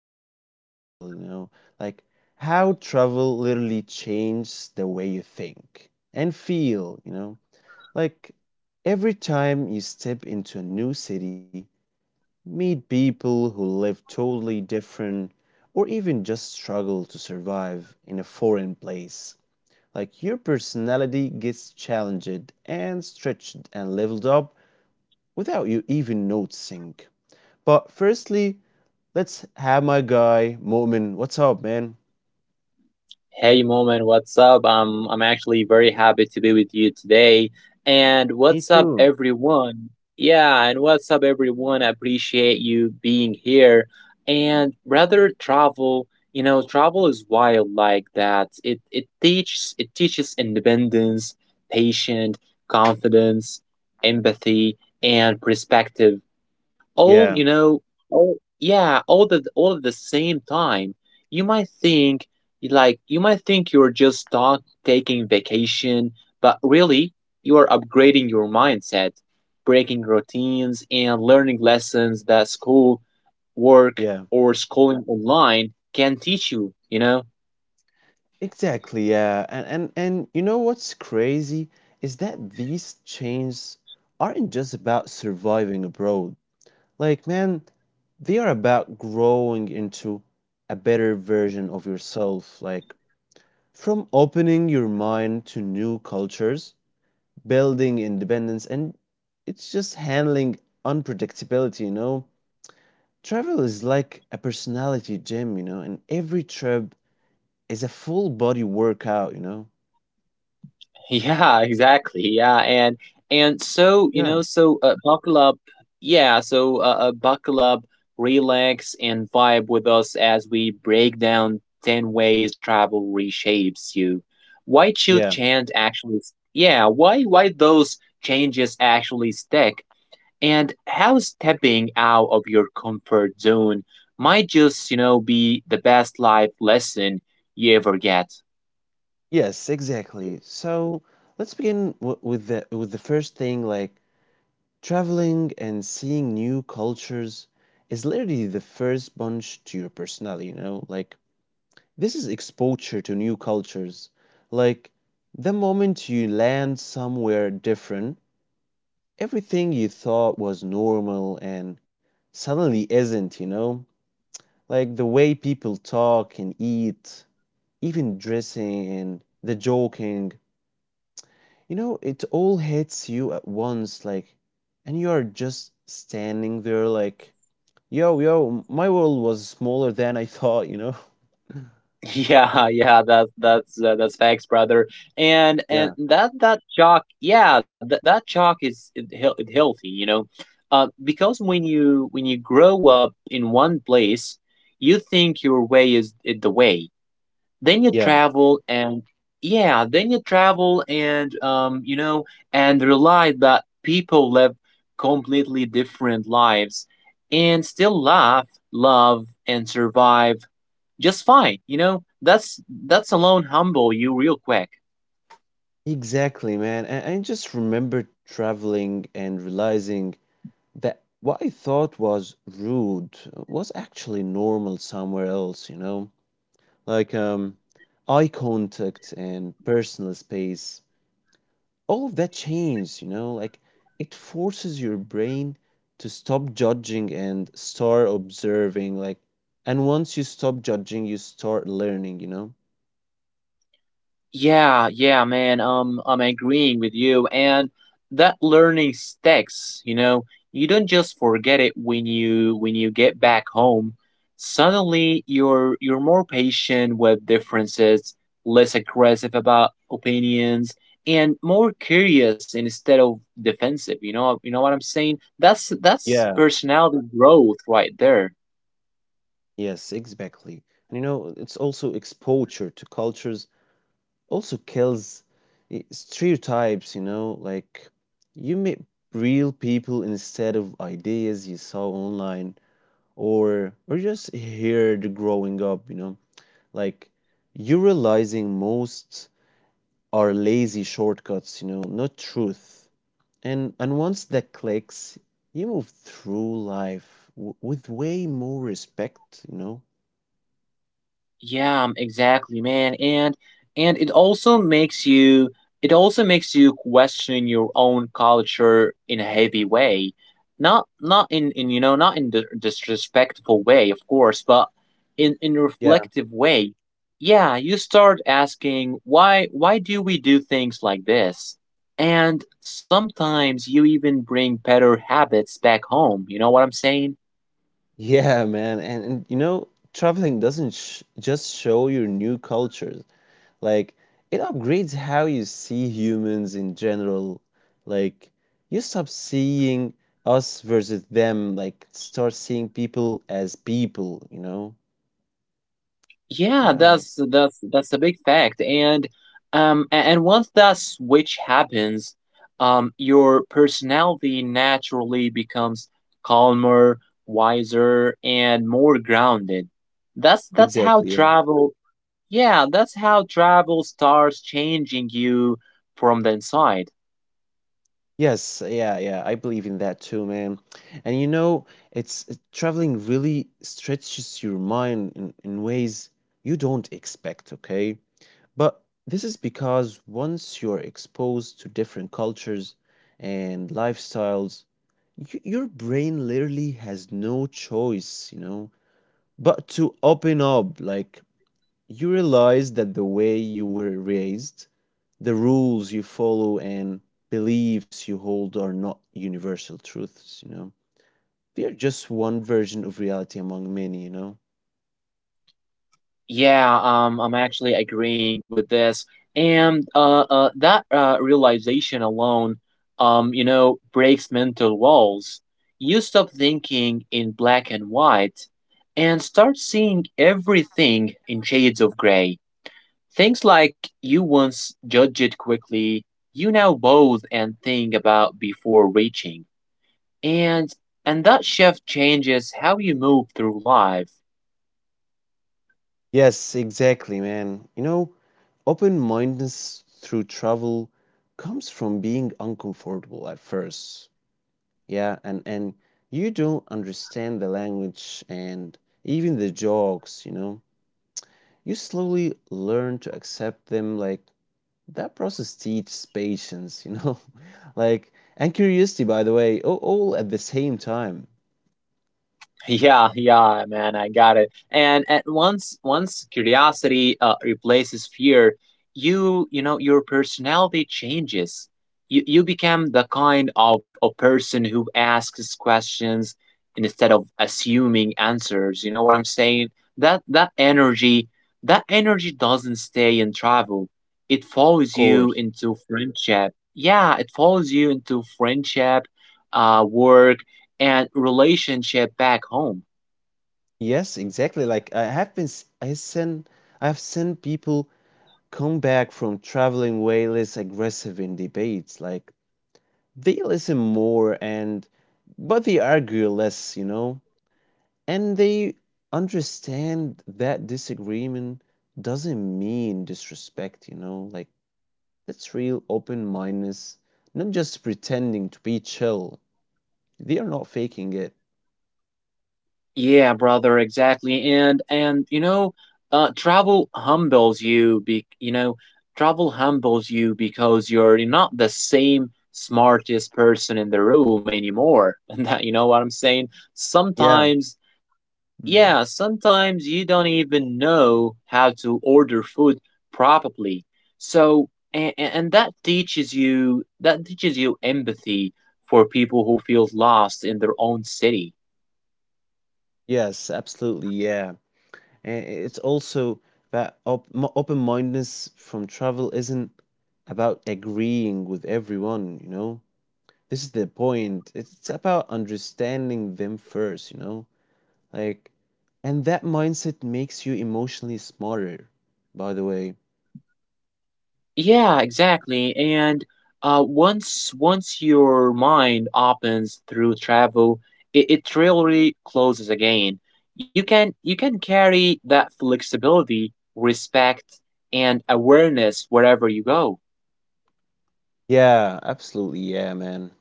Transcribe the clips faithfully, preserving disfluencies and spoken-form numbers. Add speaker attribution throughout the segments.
Speaker 1: also universal, you know, like how travel literally changes the way you think and feel, you know, like every time you step into a new city meet people who live totally different or even just struggle to survive in a foreign place. Like your personality gets challenged and stretched and leveled up without you even noticing. But firstly, let's have my guy Mu'min. What's up, man?
Speaker 2: Hey Moment, what's up? I'm I'm actually very happy to be with you today. And
Speaker 1: Me
Speaker 2: what's up
Speaker 1: too.
Speaker 2: everyone? Yeah, and what's up everyone? I appreciate you being here. And rather travel, you know, travel is wild like that. It it teaches it teaches independence, patience, confidence, empathy, and perspective all
Speaker 1: Yeah,
Speaker 2: you know all yeah all the all at the same time you might think like you might think you're just talk, taking vacation, but really you are upgrading your mindset, breaking routines, and learning lessons that school, work,
Speaker 1: yeah.
Speaker 2: or schooling online can teach you, you know.
Speaker 1: Exactly, yeah. And and and you know what's crazy is that these chains aren't just about surviving abroad. Like, man, they are about growing into a better version of yourself. Like, from opening your mind to new cultures, building independence, and it's just handling unpredictability, you know? Travel is like a personality gym, you know, and every trip is a full body workout, you know?
Speaker 2: Yeah, exactly. Yeah, and and so you
Speaker 1: Yeah.
Speaker 2: know, so uh, buckle up. Yeah, so uh, uh, buckle up, relax, and vibe with us as we break down ten ways travel reshapes you. Why should
Speaker 1: Yeah.
Speaker 2: change actually? s- Yeah, why why those changes actually stick, and how stepping out of your comfort zone might just, you know, be the best life lesson you ever get.
Speaker 1: Yes, exactly. So let's begin w- with the with the first thing, like traveling and seeing new cultures is literally the first bunch to your personality, you know? Like, this is exposure to new cultures. Like, the moment you land somewhere different, everything you thought was normal and suddenly isn't, you know? Like, the way people talk and eat, even dressing and the joking, you know, it all hits you at once, like, and you are just standing there, like, yo, yo, my world was smaller than I thought, you know?
Speaker 2: Yeah, yeah, that that's uh, that's facts, brother. And and
Speaker 1: Yeah,
Speaker 2: that that chalk, yeah, that that chalk is it, heal- it healthy, you know, uh, because when you when you grow up in one place, you think your way is it the way. Then you
Speaker 1: yeah,
Speaker 2: travel and yeah, then you travel and um, you know, and realize that people live completely different lives and still laugh, love, and survive just fine. You know, that's that's alone humble you real quick.
Speaker 1: Exactly, man. And I just remember traveling and realizing that what I thought was rude was actually normal somewhere else, you know? Like um eye contact and personal space. All of that changed, you know? Like it forces your brain to stop judging and start observing like and once you stop judging, you start learning, you know?
Speaker 2: Yeah, yeah, man. Um, I'm agreeing with you, and that learning sticks. You know, you don't just forget it when you when you get back home. Suddenly, you're you're more patient with differences, less aggressive about opinions, and more curious instead of defensive. You know, you know what I'm saying? That's that's
Speaker 1: Yeah,
Speaker 2: personality growth right there.
Speaker 1: yes, exactly. And you know, it's also exposure to cultures also kills i- stereotypes, you know, like you meet real people instead of ideas you saw online or or just heard growing up, you know. Like you realizing most are lazy shortcuts, you know, not truth. And and once that clicks, you move through life w with way more respect, you know.
Speaker 2: Yeah, um, exactly, man. And and it also makes you it also makes you question your own culture in a heavy way. Not not in, in you know, not in the disrespectful way, of course, but in in a reflective way. Yeah, you start asking why why do we do things like this? And sometimes you even bring better habits back home. You know what I'm saying?
Speaker 1: Yeah, man. And, and you know, traveling doesn't sh- just show your new cultures. Like, it upgrades how you see humans in general. Like, you stop seeing us versus them, like, start seeing people as people, you know?
Speaker 2: Yeah,
Speaker 1: Yeah,
Speaker 2: that's that's that's a big fact. And um a- and once that switch happens, um your personality naturally becomes calmer, wiser, and more grounded. That's that's
Speaker 1: exactly.
Speaker 2: how
Speaker 1: Yeah.
Speaker 2: travel yeah, that's how travel starts changing you from the inside.
Speaker 1: Yes, yeah, yeah. I believe in that too, man. And you know, it's it- traveling really stretches your mind in, in ways you don't expect, okay? But this is because once you're exposed to different cultures and lifestyles, y- your brain literally has no choice, you know, but to open up. Like, you realize that the way you were raised, the rules you follow, and beliefs you hold are not universal truths, you know. They are just one version of reality among many, you know.
Speaker 2: Yeah, um, I'm actually agreeing with this. And uh, uh, that uh, realization alone, um, you know, breaks mental walls. You stop thinking in black and white and start seeing everything in shades of gray. Things like you once judged quickly, you now both and think about before reaching. And and that shift changes how you move through life.
Speaker 1: Yes, exactly, man. You know, open mindedness through travel comes from being uncomfortable at first. Yeah, and and you don't understand the language and even the jokes, you know. You slowly learn to accept them like that process teaches patience, you know, like and curiosity, by the way, all, all at the same time.
Speaker 2: Yeah, yeah, man, I got it. And at once, once curiosity uh, replaces fear, you you know your personality changes. You you become the kind of a person who asks questions instead of assuming answers. You know what I'm saying? That that energy, that energy doesn't stay in travel. It follows
Speaker 1: Of
Speaker 2: you
Speaker 1: course.
Speaker 2: into friendship. Yeah, it follows you into friendship, uh, work, and relationship back home.
Speaker 1: Yes, exactly. Like I have been, s- I send, I have seen people come back from traveling way less aggressive in debates. Like they listen more and, but they argue less, you know, and they understand that disagreement doesn't mean disrespect, you know, like that's real open mindedness, not just pretending to be chill. They are not faking it.
Speaker 2: Yeah, brother, exactly. And and you know, uh, travel humbles you. Be You know, travel humbles you because you're not the same smartest person in the room anymore. And that you know what I'm saying.
Speaker 1: Yeah.
Speaker 2: Sometimes
Speaker 1: Mhm.
Speaker 2: yeah, sometimes you don't even know how to order food properly. So, and, and that teaches you that teaches you empathy for people who feel lost in their own city.
Speaker 1: Yes, absolutely. Yeah. And it's also that op- mo- open mindedness from travel isn't about agreeing with everyone, you know? This is the point. It's about understanding them first, you know? Like, and that mindset makes you emotionally smarter, by the way.
Speaker 2: Yeah, exactly. And uh, once once your mind opens through travel, it, it really closes again. You can you can carry that flexibility, respect, and awareness wherever you go.
Speaker 1: Yeah, absolutely. Yeah, man.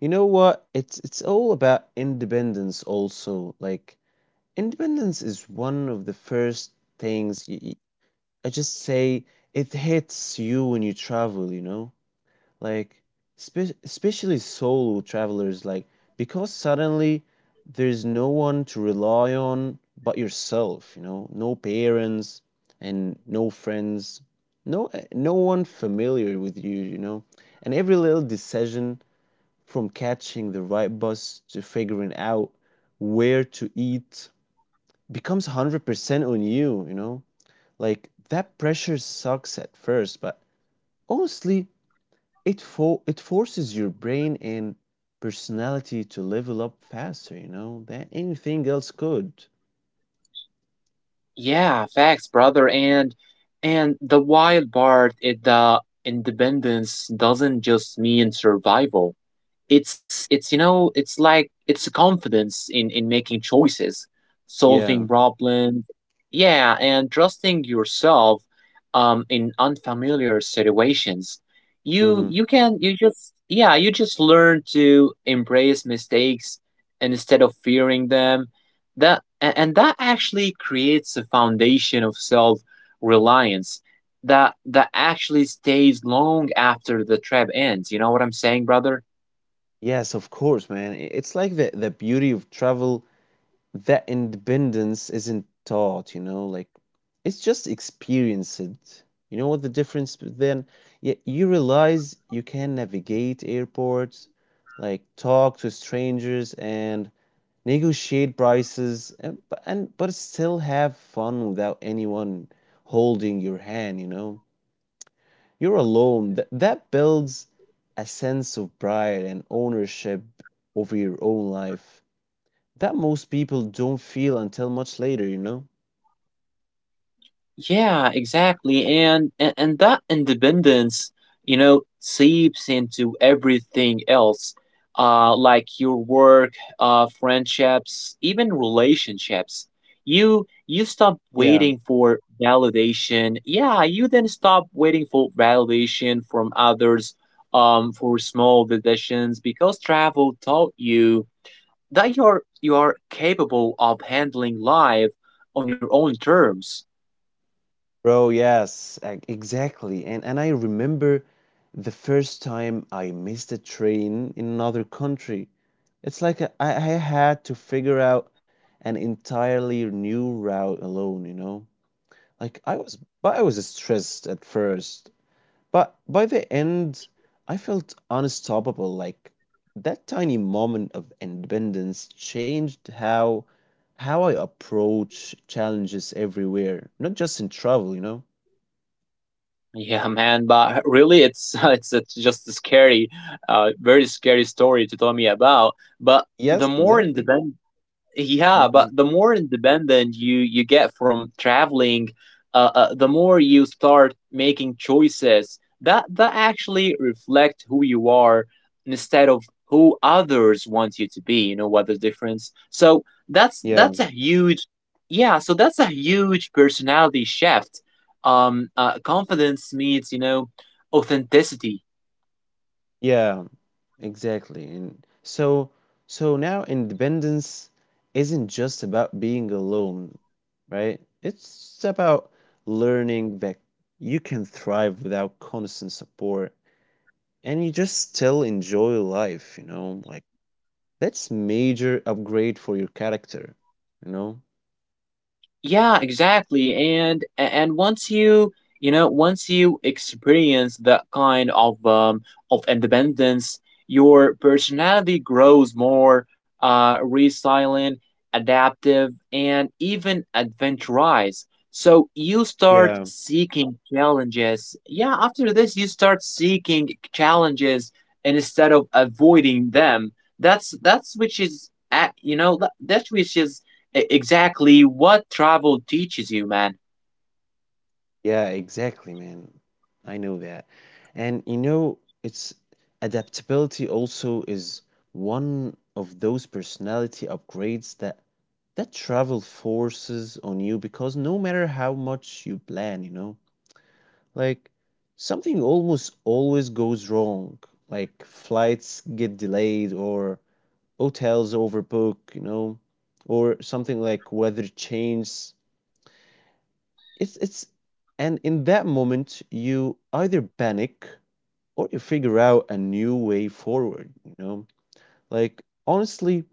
Speaker 1: You know what? It's it's all about independence also. Like independence is one of the first things y y- I just say it hits you when you travel, you know? Like spe especially solo travelers like because suddenly there's no one to rely on but yourself, you know? No parents and no friends. No eh, no one familiar with you, you know? And every little decision from catching the right bus to figuring out where to eat becomes one hundred percent on you, you know? Like that pressure sucks at first, but honestly, it fo- it forces your brain and personality to level up faster, you know, than anything else could.
Speaker 2: Yeah, facts, brother. And and the wild part is the independence doesn't just mean survival. It's it's you know it's like it's a confidence in in making choices, solving
Speaker 1: Yeah.
Speaker 2: problems, yeah, and trusting yourself um in unfamiliar situations. you
Speaker 1: Hmm.
Speaker 2: you can you just yeah You just learn to embrace mistakes instead of fearing them. That a- and that actually creates a foundation of self reliance that that actually stays long after the trip ends, you know what I'm saying, brother?
Speaker 1: Yes, of course, man. I- It's like the the beauty of travel that independence isn't taught, you know, like it's just experienced. You know what the difference b- then? Yeah, you realize you can navigate airports, like talk to strangers and negotiate prices and, b- and but still have fun without anyone holding your hand, you know. You're alone. That that builds a sense of pride and ownership over your own life. That most people don't feel until much later, you know?
Speaker 2: Yeah, exactly. And, and, and that independence, you know, seeps into everything else, uh, like your work, uh, friendships, even relationships. You you stop
Speaker 1: Yeah,
Speaker 2: waiting for validation. Yeah, you then stop waiting for validation from others, um, for small decisions because travel taught you that you're you are capable of handling life on your own terms.
Speaker 1: bro, yes, e- exactly. And and I remember the first time I missed a train in another country. It's like a- I, I had to figure out an entirely new route alone, you know? Like I was, but I was stressed at first. But by the end, I felt unstoppable. Like that tiny moment of independence changed how how I approach challenges everywhere, not just in travel, you know.
Speaker 2: Yeah, man, but really, it's it's a, just a scary, uh, very scary story to tell me about. But the
Speaker 1: Yes,
Speaker 2: more
Speaker 1: exactly.
Speaker 2: independent yeah, but
Speaker 1: Hmm.
Speaker 2: the more independent you you get from traveling, uh, uh, the more you start making choices that that actually reflect who you are instead of who others want you to be. You know what the difference? So that's
Speaker 1: Yeah,
Speaker 2: that's a huge, yeah. So that's a huge personality shift. Um, uh, confidence meets, you know, authenticity.
Speaker 1: yeah, exactly. And so, so now independence isn't just about being alone, right? It's about learning that you can thrive without constant support and you just still enjoy life, you know? Like that's major upgrade for your character, you know?
Speaker 2: Yeah, exactly. And a- and once you, you know, once you experience that kind of um, of independence, your personality grows more uh, resilient, adaptive, and even adventurous. So you start
Speaker 1: Yeah.
Speaker 2: seeking challenges. Yeah, after this, you start seeking challenges instead of avoiding them. That's that's which is at you know that, that's which is e- exactly what travel teaches you, man.
Speaker 1: Yeah, exactly, man. I know that. And you know, it's adaptability also is one of those personality upgrades that that travel forces on you because no matter how much you plan, you know, like something almost always goes wrong. Like flights get delayed or hotels overbook, you know, or something like weather change. It's it's and In that moment you either panic or you figure out a new way forward, you know. Like honestly,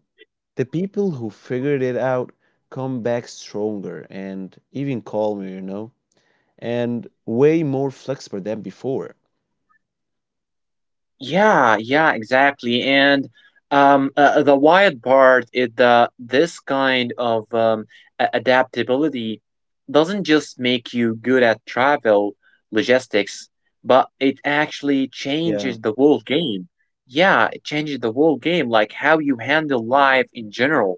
Speaker 1: the people who figured it out come back stronger and even calmer, you know, and way more flexible than before.
Speaker 2: Yeah, yeah, exactly. And um, uh, the wild part is that this kind of um, a- adaptability doesn't just make you good at travel logistics, but it actually
Speaker 1: Yeah.
Speaker 2: changes the whole game. Yeah, it changes the whole game, like how you handle life in general.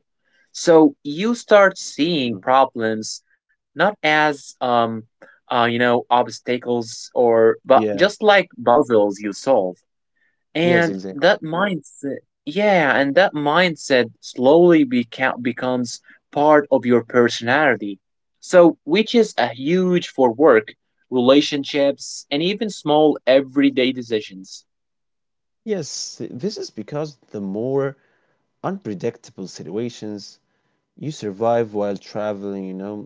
Speaker 2: So you start
Speaker 1: Mhm.
Speaker 2: seeing problems not as um, uh, you know, obstacles, or but
Speaker 1: Yeah.
Speaker 2: just like puzzles you solve.
Speaker 1: Yes,
Speaker 2: And
Speaker 1: exactly.
Speaker 2: that mindset, yeah, and that mindset slowly beca- becomes part of your personality. So, which is a huge for work, relationships, and even small everyday decisions.
Speaker 1: Yes, this is because the more unpredictable situations, you survive while traveling, you know.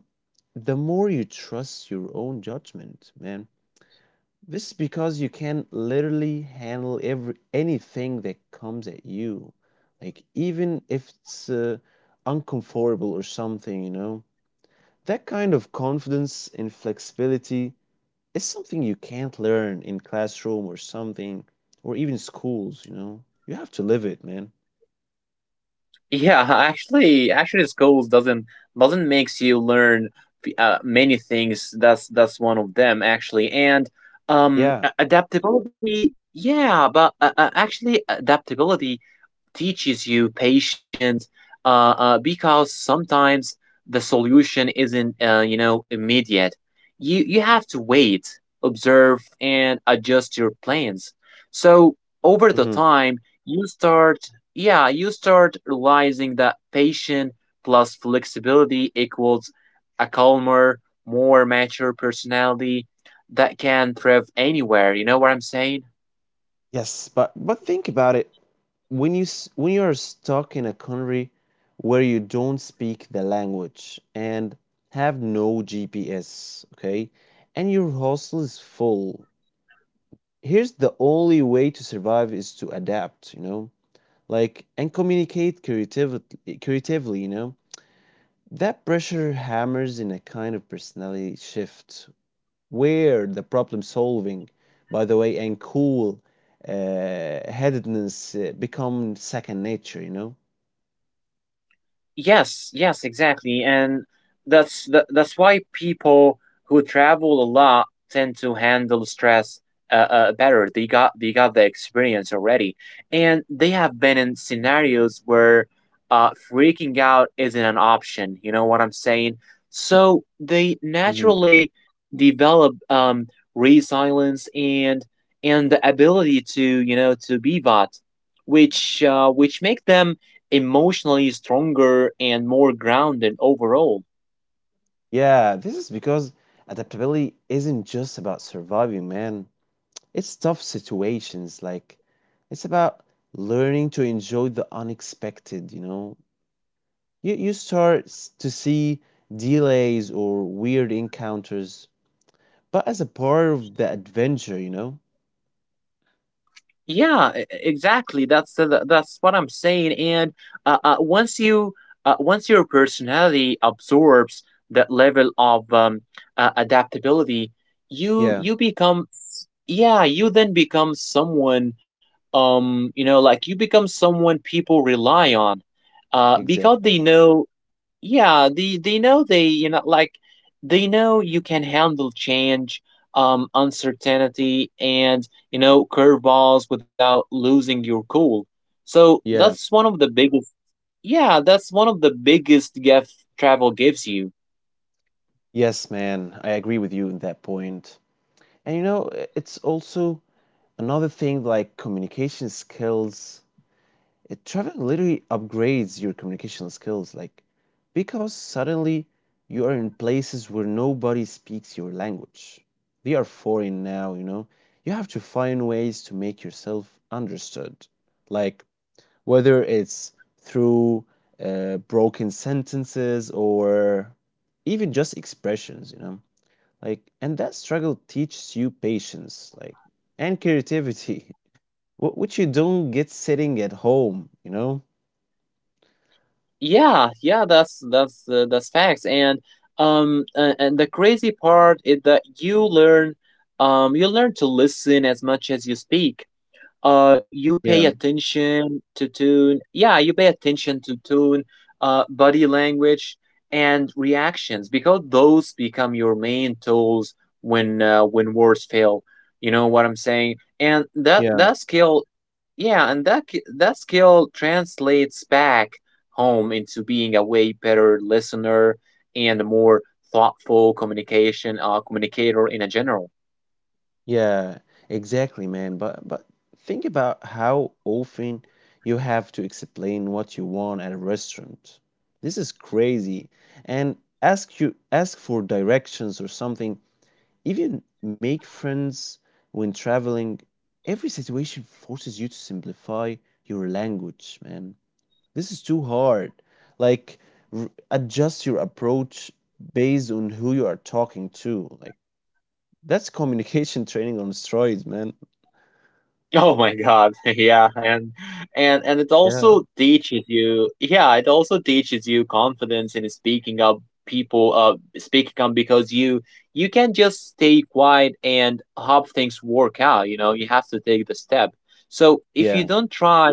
Speaker 1: The more you trust your own judgment, man. This is because you can literally handle every anything that comes at you. Like even if it's uh, uncomfortable or something, you know. That kind of confidence and flexibility is something you can't learn in classroom or something or even schools, you know. You have to live it, man.
Speaker 2: Yeah, actually, actually, school doesn't doesn't makes you learn uh, many things. That's that's one of them actually. And um,
Speaker 1: Yeah.
Speaker 2: a- adaptability. Yeah, but uh, uh, actually, adaptability teaches you patience, uh, uh, because sometimes the solution isn't, uh, you know, immediate. You you have to wait, observe, and adjust your plans. So over the
Speaker 1: Hmm.
Speaker 2: time you start yeah, you start realizing that patience plus flexibility equals a calmer, more mature personality that can thrive anywhere, you know what I'm saying? mm
Speaker 1: Yes, but but think about it. When you s- when you are stuck in a country where you don't speak the language and have no G P S, okay, and your hostel is full, here's the only way to survive is to adapt, you know, like and communicate creatively, creatively, you know. That pressure hammers in a kind of personality shift where the problem solving, by the way, and cool uh, headedness uh, become second nature, you know.
Speaker 2: Yes, yes, exactly. And that's that, that's why people who travel a lot tend to handle stress uh, uh, better. They got they got the experience already. And they have been in scenarios where uh, freaking out isn't an option. You know what I'm saying? So they naturally develop um, resilience and and the ability to, you know, to pivot, which uh, which make them emotionally stronger and more grounded overall.
Speaker 1: Yeah, this is because adaptability isn't just about surviving, man. It's tough situations. Like, it's about learning to enjoy the unexpected, you know? You, you start s- to see delays or weird encounters, but as a part of the adventure, you know?
Speaker 2: Yeah, e- e-, exactly. That's the, that's what I'm saying. And uh, uh, once you uh, once your personality absorbs that level of um, uh, adaptability, you
Speaker 1: Yeah,
Speaker 2: you become s- yeah, you then become someone um you know, like you become someone people rely on uh because they
Speaker 1: exactly.
Speaker 2: know yeah, they they know they you know, like they know you can handle change, um, uncertainty, and, you know, curveballs without losing your cool. So
Speaker 1: Yeah.
Speaker 2: that's one of the biggest. Yeah, that's one of the biggest gift travel gives you.
Speaker 1: Yes, man, I agree with you in that point. And you know, I- it's also another thing like communication skills it traveling literally upgrades your communication skills like because suddenly you are in places where nobody speaks your language, they are foreign now, you know, you have to find ways to make yourself understood, like whether it's through uh, broken sentences or even just expressions, you know, like and that struggle teaches you patience like and creativity wh- which you don't get sitting at home, you know.
Speaker 2: Yeah, yeah, that's that's uh, that's facts. And um, uh, and the crazy part is that you learn, um, you learn to listen as much as you speak. Uh you pay
Speaker 1: Yeah,
Speaker 2: attention to tune Yeah, you pay attention to tune, uh body language, and reactions because those become your main tools when, uh, when words fail, you know what I'm saying? And that
Speaker 1: yeah,
Speaker 2: that skill Yeah, and that ki- that skill translates back home into being a way better listener and a more thoughtful communication uh communicator in a general.
Speaker 1: yeah, exactly, man. But but think about how often you have to explain what you want at a restaurant. This is crazy. And ask you ask for directions or something. Even make friends when traveling. Every situation forces you to simplify your language, man. This is too hard. Like r adjust your approach based on who you are talking to. Like that's communication training on steroids, man.
Speaker 2: Oh my God. Yeah, and and and it
Speaker 1: Yeah,
Speaker 2: also teaches you yeah, it also teaches you confidence in speaking up, people uh speaking up, because you you can just stay quiet and hope things work out, you know, you have to take the step. So if you
Speaker 1: yeah.
Speaker 2: don't try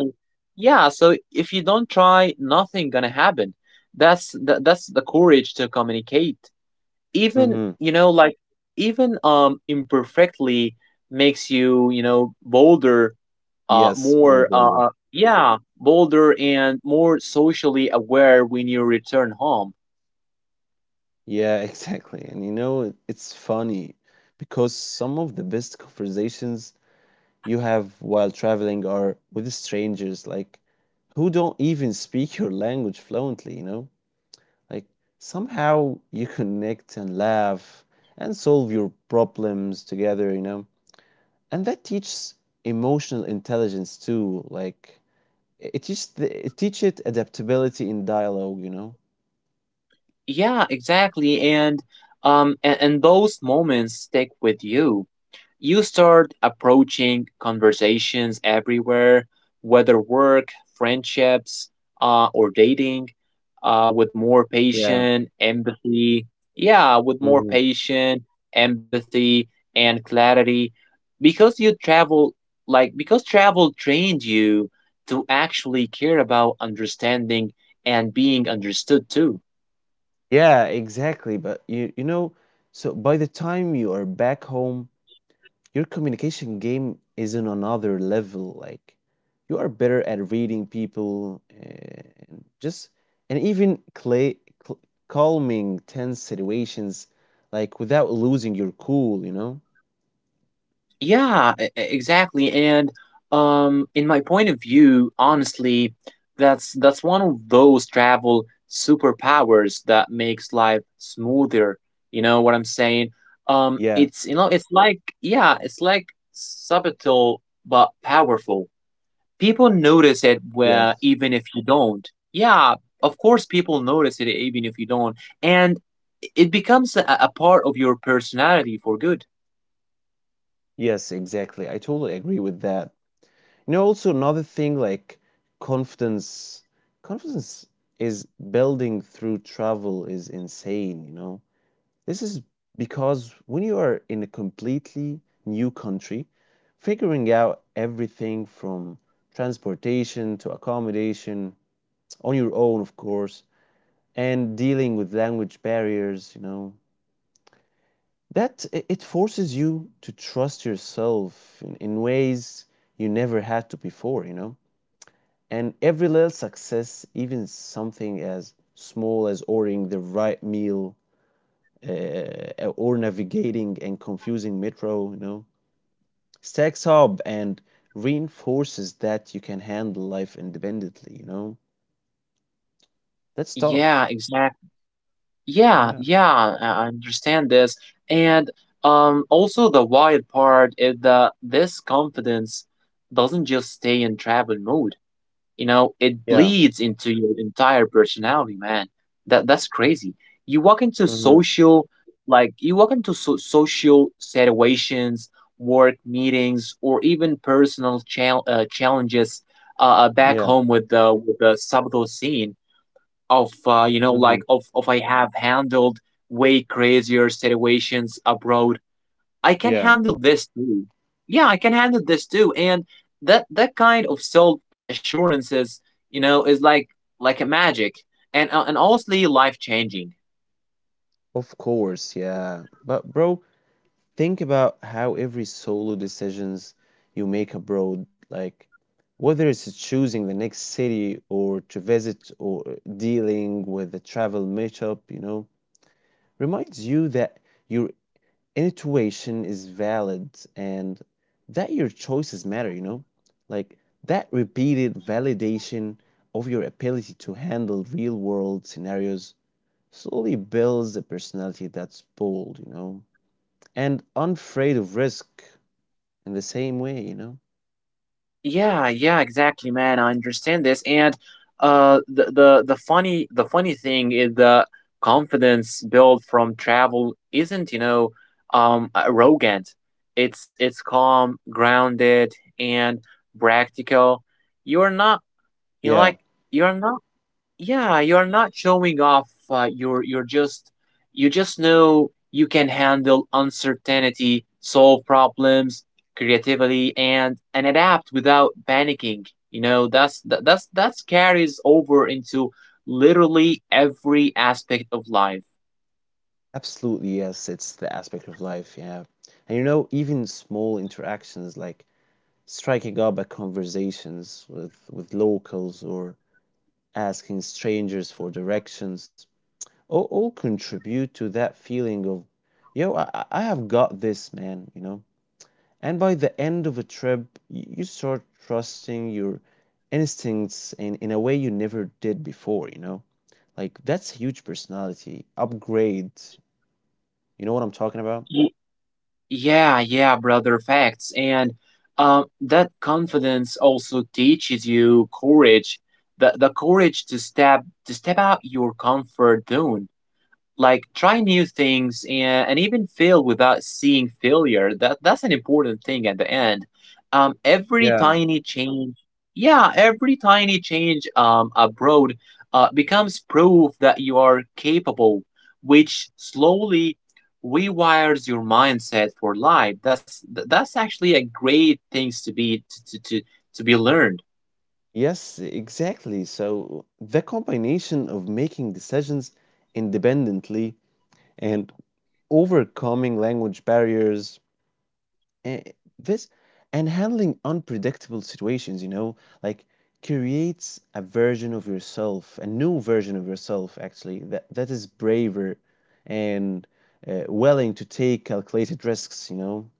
Speaker 2: yeah, so if you don't try, nothing gonna happen. That's the, that's the courage to communicate. Even,
Speaker 1: Mhm.
Speaker 2: you know, like even um imperfectly makes you, you know, bolder, uh,
Speaker 1: Yes,
Speaker 2: more
Speaker 1: Mo
Speaker 2: uh, uh,
Speaker 1: Boulder.
Speaker 2: yeah, bolder and more socially aware when you return home.
Speaker 1: Yeah, exactly. And you know, it- it's funny because some of the best conversations you have while traveling are with strangers, like who don't even speak your language fluently, you know? Like somehow you connect and laugh and solve your problems together, you know? And that teaches emotional intelligence too, like It it just it teaches adaptability in dialogue, you know?
Speaker 2: Yeah, exactly. And um and, and those moments stick with you. You start approaching conversations everywhere, whether work, friendships, uh, or dating, uh, with more
Speaker 1: Yeah.
Speaker 2: patient empathy. Yeah, with more
Speaker 1: Hmm.
Speaker 2: patient empathy and clarity, because you travel, like because travel trained you to actually care about understanding and being understood too.
Speaker 1: Yeah, exactly. But you you know, so by the time you are back home, your communication game is on another level. Like you are better at reading people and just and even clay, cl calming tense situations, like without losing your cool, you know?
Speaker 2: Yeah, e- e- exactly. And um, in my point of view, honestly, that's that's one of those travel superpowers that makes life smoother. You know what I'm saying? Um,
Speaker 1: Yeah.
Speaker 2: it's you know, it's like yeah, it's like subtle but powerful. People notice it where
Speaker 1: Yes.
Speaker 2: even if you don't. Yeah, of course people notice it even if you don't, and it becomes a, a part of your personality for good.
Speaker 1: Yes, exactly. I totally agree with that. you know also another thing, like confidence confidence is building through travel is insane, you know this is because when you are in a completely new country, figuring out everything from transportation to accommodation on your own, of course, and dealing with language barriers, you know that it it forces you to trust yourself in, in ways you never had to before, you know and every little success, even something as small as ordering the right meal uh, or navigating and confusing metro, you know, stacks up and reinforces that you can handle life independently, you know. That's tough.
Speaker 2: Yeah, exactly. Yeah,
Speaker 1: Yeah.
Speaker 2: yeah, I I understand this. And um also the wild part is that this confidence doesn't just stay in travel mode. You know, it
Speaker 1: Yeah.
Speaker 2: bleeds into your entire personality, man. That that's crazy. You walk into
Speaker 1: Mm-hmm.
Speaker 2: social like you walk into so- social situations, work meetings, or even personal chal- uh, challenges uh, uh, back
Speaker 1: Yeah.
Speaker 2: home with the with the subtle scene of uh, you know like
Speaker 1: Mm-hmm.
Speaker 2: of of I have handled way crazier situations abroad. I can
Speaker 1: Yeah.
Speaker 2: handle this too. Yeah, I can handle this too. And that that kind of self assurances, you know, is like like a magic and uh, and honestly life changing.
Speaker 1: Of course. Yeah. But, bro, think about how every solo decisions you make abroad, like whether it's choosing the next city or to visit, or dealing with the travel matchup, you know, reminds you that your intuition is valid and that your choices matter, you know? Like, that repeated validation of your ability to handle real world scenarios slowly builds a personality that's bold, you know, and unafraid of risk in the same way, you know?
Speaker 2: Yeah, yeah, exactly, man. I understand this, and uh, the the the funny the funny thing is the confidence built from travel isn't, you know, um, arrogant. It's it's calm, grounded, and practical. You're not, you know,
Speaker 1: Yeah,
Speaker 2: like you're not yeah, you're not showing off. Uh, you're you're just you just know you can handle uncertainty, solve problems creatively, and and adapt without panicking. You know that's that, that's that's carries over into literally every aspect of life.
Speaker 1: absolutely. Yes, it's the aspect of life. Yeah. And you know, even small interactions like striking up at conversations with, with locals or asking strangers for directions all, all contribute to that feeling of, yo, I, I I have got this, man, you know? And by the end of a trip, you, you start trusting your instincts in, in a way you never did before, you know? Like, that's huge personality upgrade. You know what I'm talking about?
Speaker 2: Ye- Yeah, yeah, brother. Facts and um, that confidence also teaches you courage. The the courage to step to step out your comfort zone like try new things and, and even fail without seeing failure that that's an important thing at the end um every
Speaker 1: Yeah.
Speaker 2: tiny change yeah every tiny change um abroad uh, becomes proof that you are capable which slowly rewires your mindset for life that's th- that's actually a great things to be to to, to, to be learned.
Speaker 1: Yes, exactly. So the combination of making decisions independently and overcoming language barriers, eh, this and handling unpredictable situations, you know, like creates a version of yourself, a new version of yourself actually, that that is braver and uh, willing to take calculated risks, you know.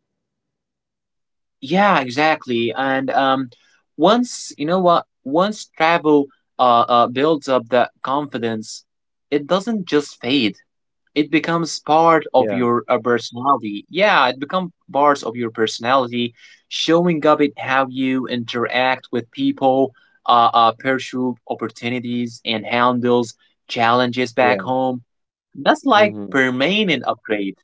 Speaker 2: Yeah, exactly. And um, once you know what, once travel uh, uh, builds up that confidence, it doesn't just fade. It becomes part of
Speaker 1: Yeah.
Speaker 2: your uh, personality. Yeah, it becomes parts of your personality, showing up in how you interact with people, uh, uh, pursue opportunities, and handles challenges back
Speaker 1: Yeah.
Speaker 2: home. That's like
Speaker 1: Mhm.
Speaker 2: permanent upgrade.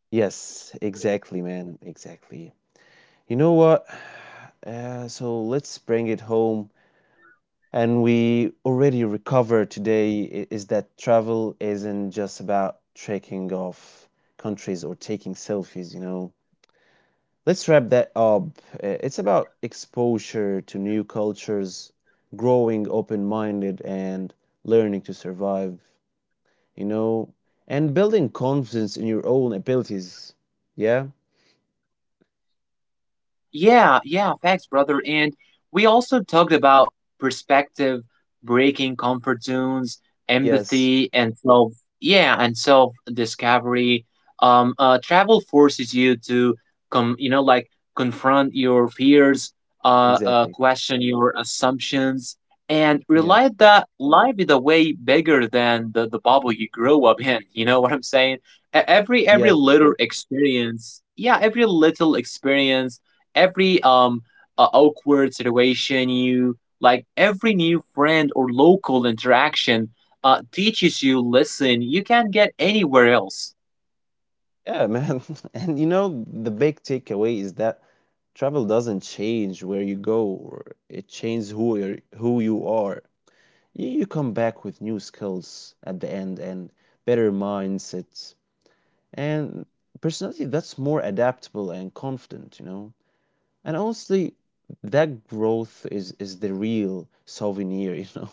Speaker 1: Yes, exactly, man. Exactly. You know what? Uh, so let's bring it home. And we already recovered today i- is that travel isn't just about checking off countries or taking selfies, you know. Let's wrap that up. Uh, It's about exposure to new cultures, growing open-minded, and learning to survive, you know, and building confidence in your own abilities. Yeah?
Speaker 2: Yeah, yeah, facts, brother. And we also talked about perspective, breaking comfort zones,
Speaker 1: Yes.
Speaker 2: empathy, and self, yeah, and self discovery. Um, uh, travel forces you to come, you know, like confront your fears, uh, uh,
Speaker 1: Exactly.
Speaker 2: question your assumptions, and
Speaker 1: Yeah.
Speaker 2: realize that life is a way bigger than the, the bubble you grow up in. You know what I'm saying? E- Every
Speaker 1: Yes,
Speaker 2: every
Speaker 1: of course.
Speaker 2: little experience, yeah, every little experience every um uh, awkward situation you like every new friend or local interaction uh, teaches you lesson you can't get anywhere else.
Speaker 1: Yeah, man. And you know, the big takeaway is that travel doesn't change where you go, or it changes who you're, who you are. You, you come back with new skills at the end and better mindsets and personality that's more adaptable and confident, you know. And honestly, that growth is is the real souvenir, you know.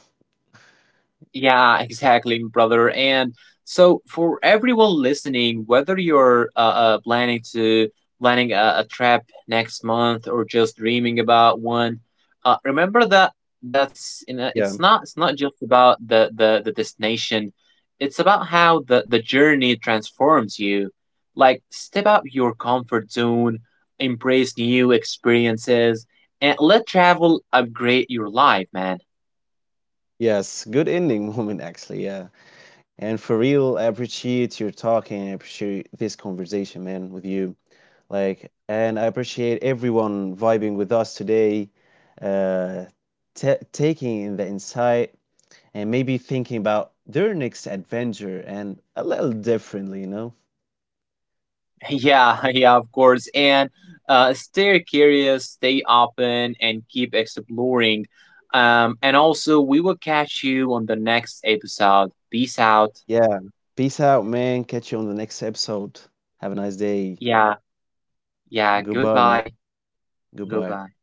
Speaker 2: Yeah, exactly, brother. And so for everyone listening, whether you're uh, uh, planning to planning a, a trip next month or just dreaming about one, uh, remember that that's you know, it's
Speaker 1: Yeah.
Speaker 2: not it's not just about the, the the destination. It's about how the the journey transforms you. Like step out your comfort zone, embrace new experiences, and let travel upgrade your life, man.
Speaker 1: Yes, good ending moment actually. Yeah. And for real, I appreciate your talking. I appreciate this conversation, man, with you. Like, and I appreciate everyone vibing with us today, uh, ta taking in the insight and maybe thinking about their next adventure and a little differently, you know?
Speaker 2: Yeah, yeah, of course. And uh, stay curious, stay open, and keep exploring. Um, and also, we will catch you on the next episode. Peace out.
Speaker 1: Yeah. Peace out, man. Catch you on the next episode. Have a nice day.
Speaker 2: Yeah, yeah.
Speaker 1: Goodbye, man.
Speaker 2: Goodbye.
Speaker 1: Goodbye.
Speaker 2: Goodbye.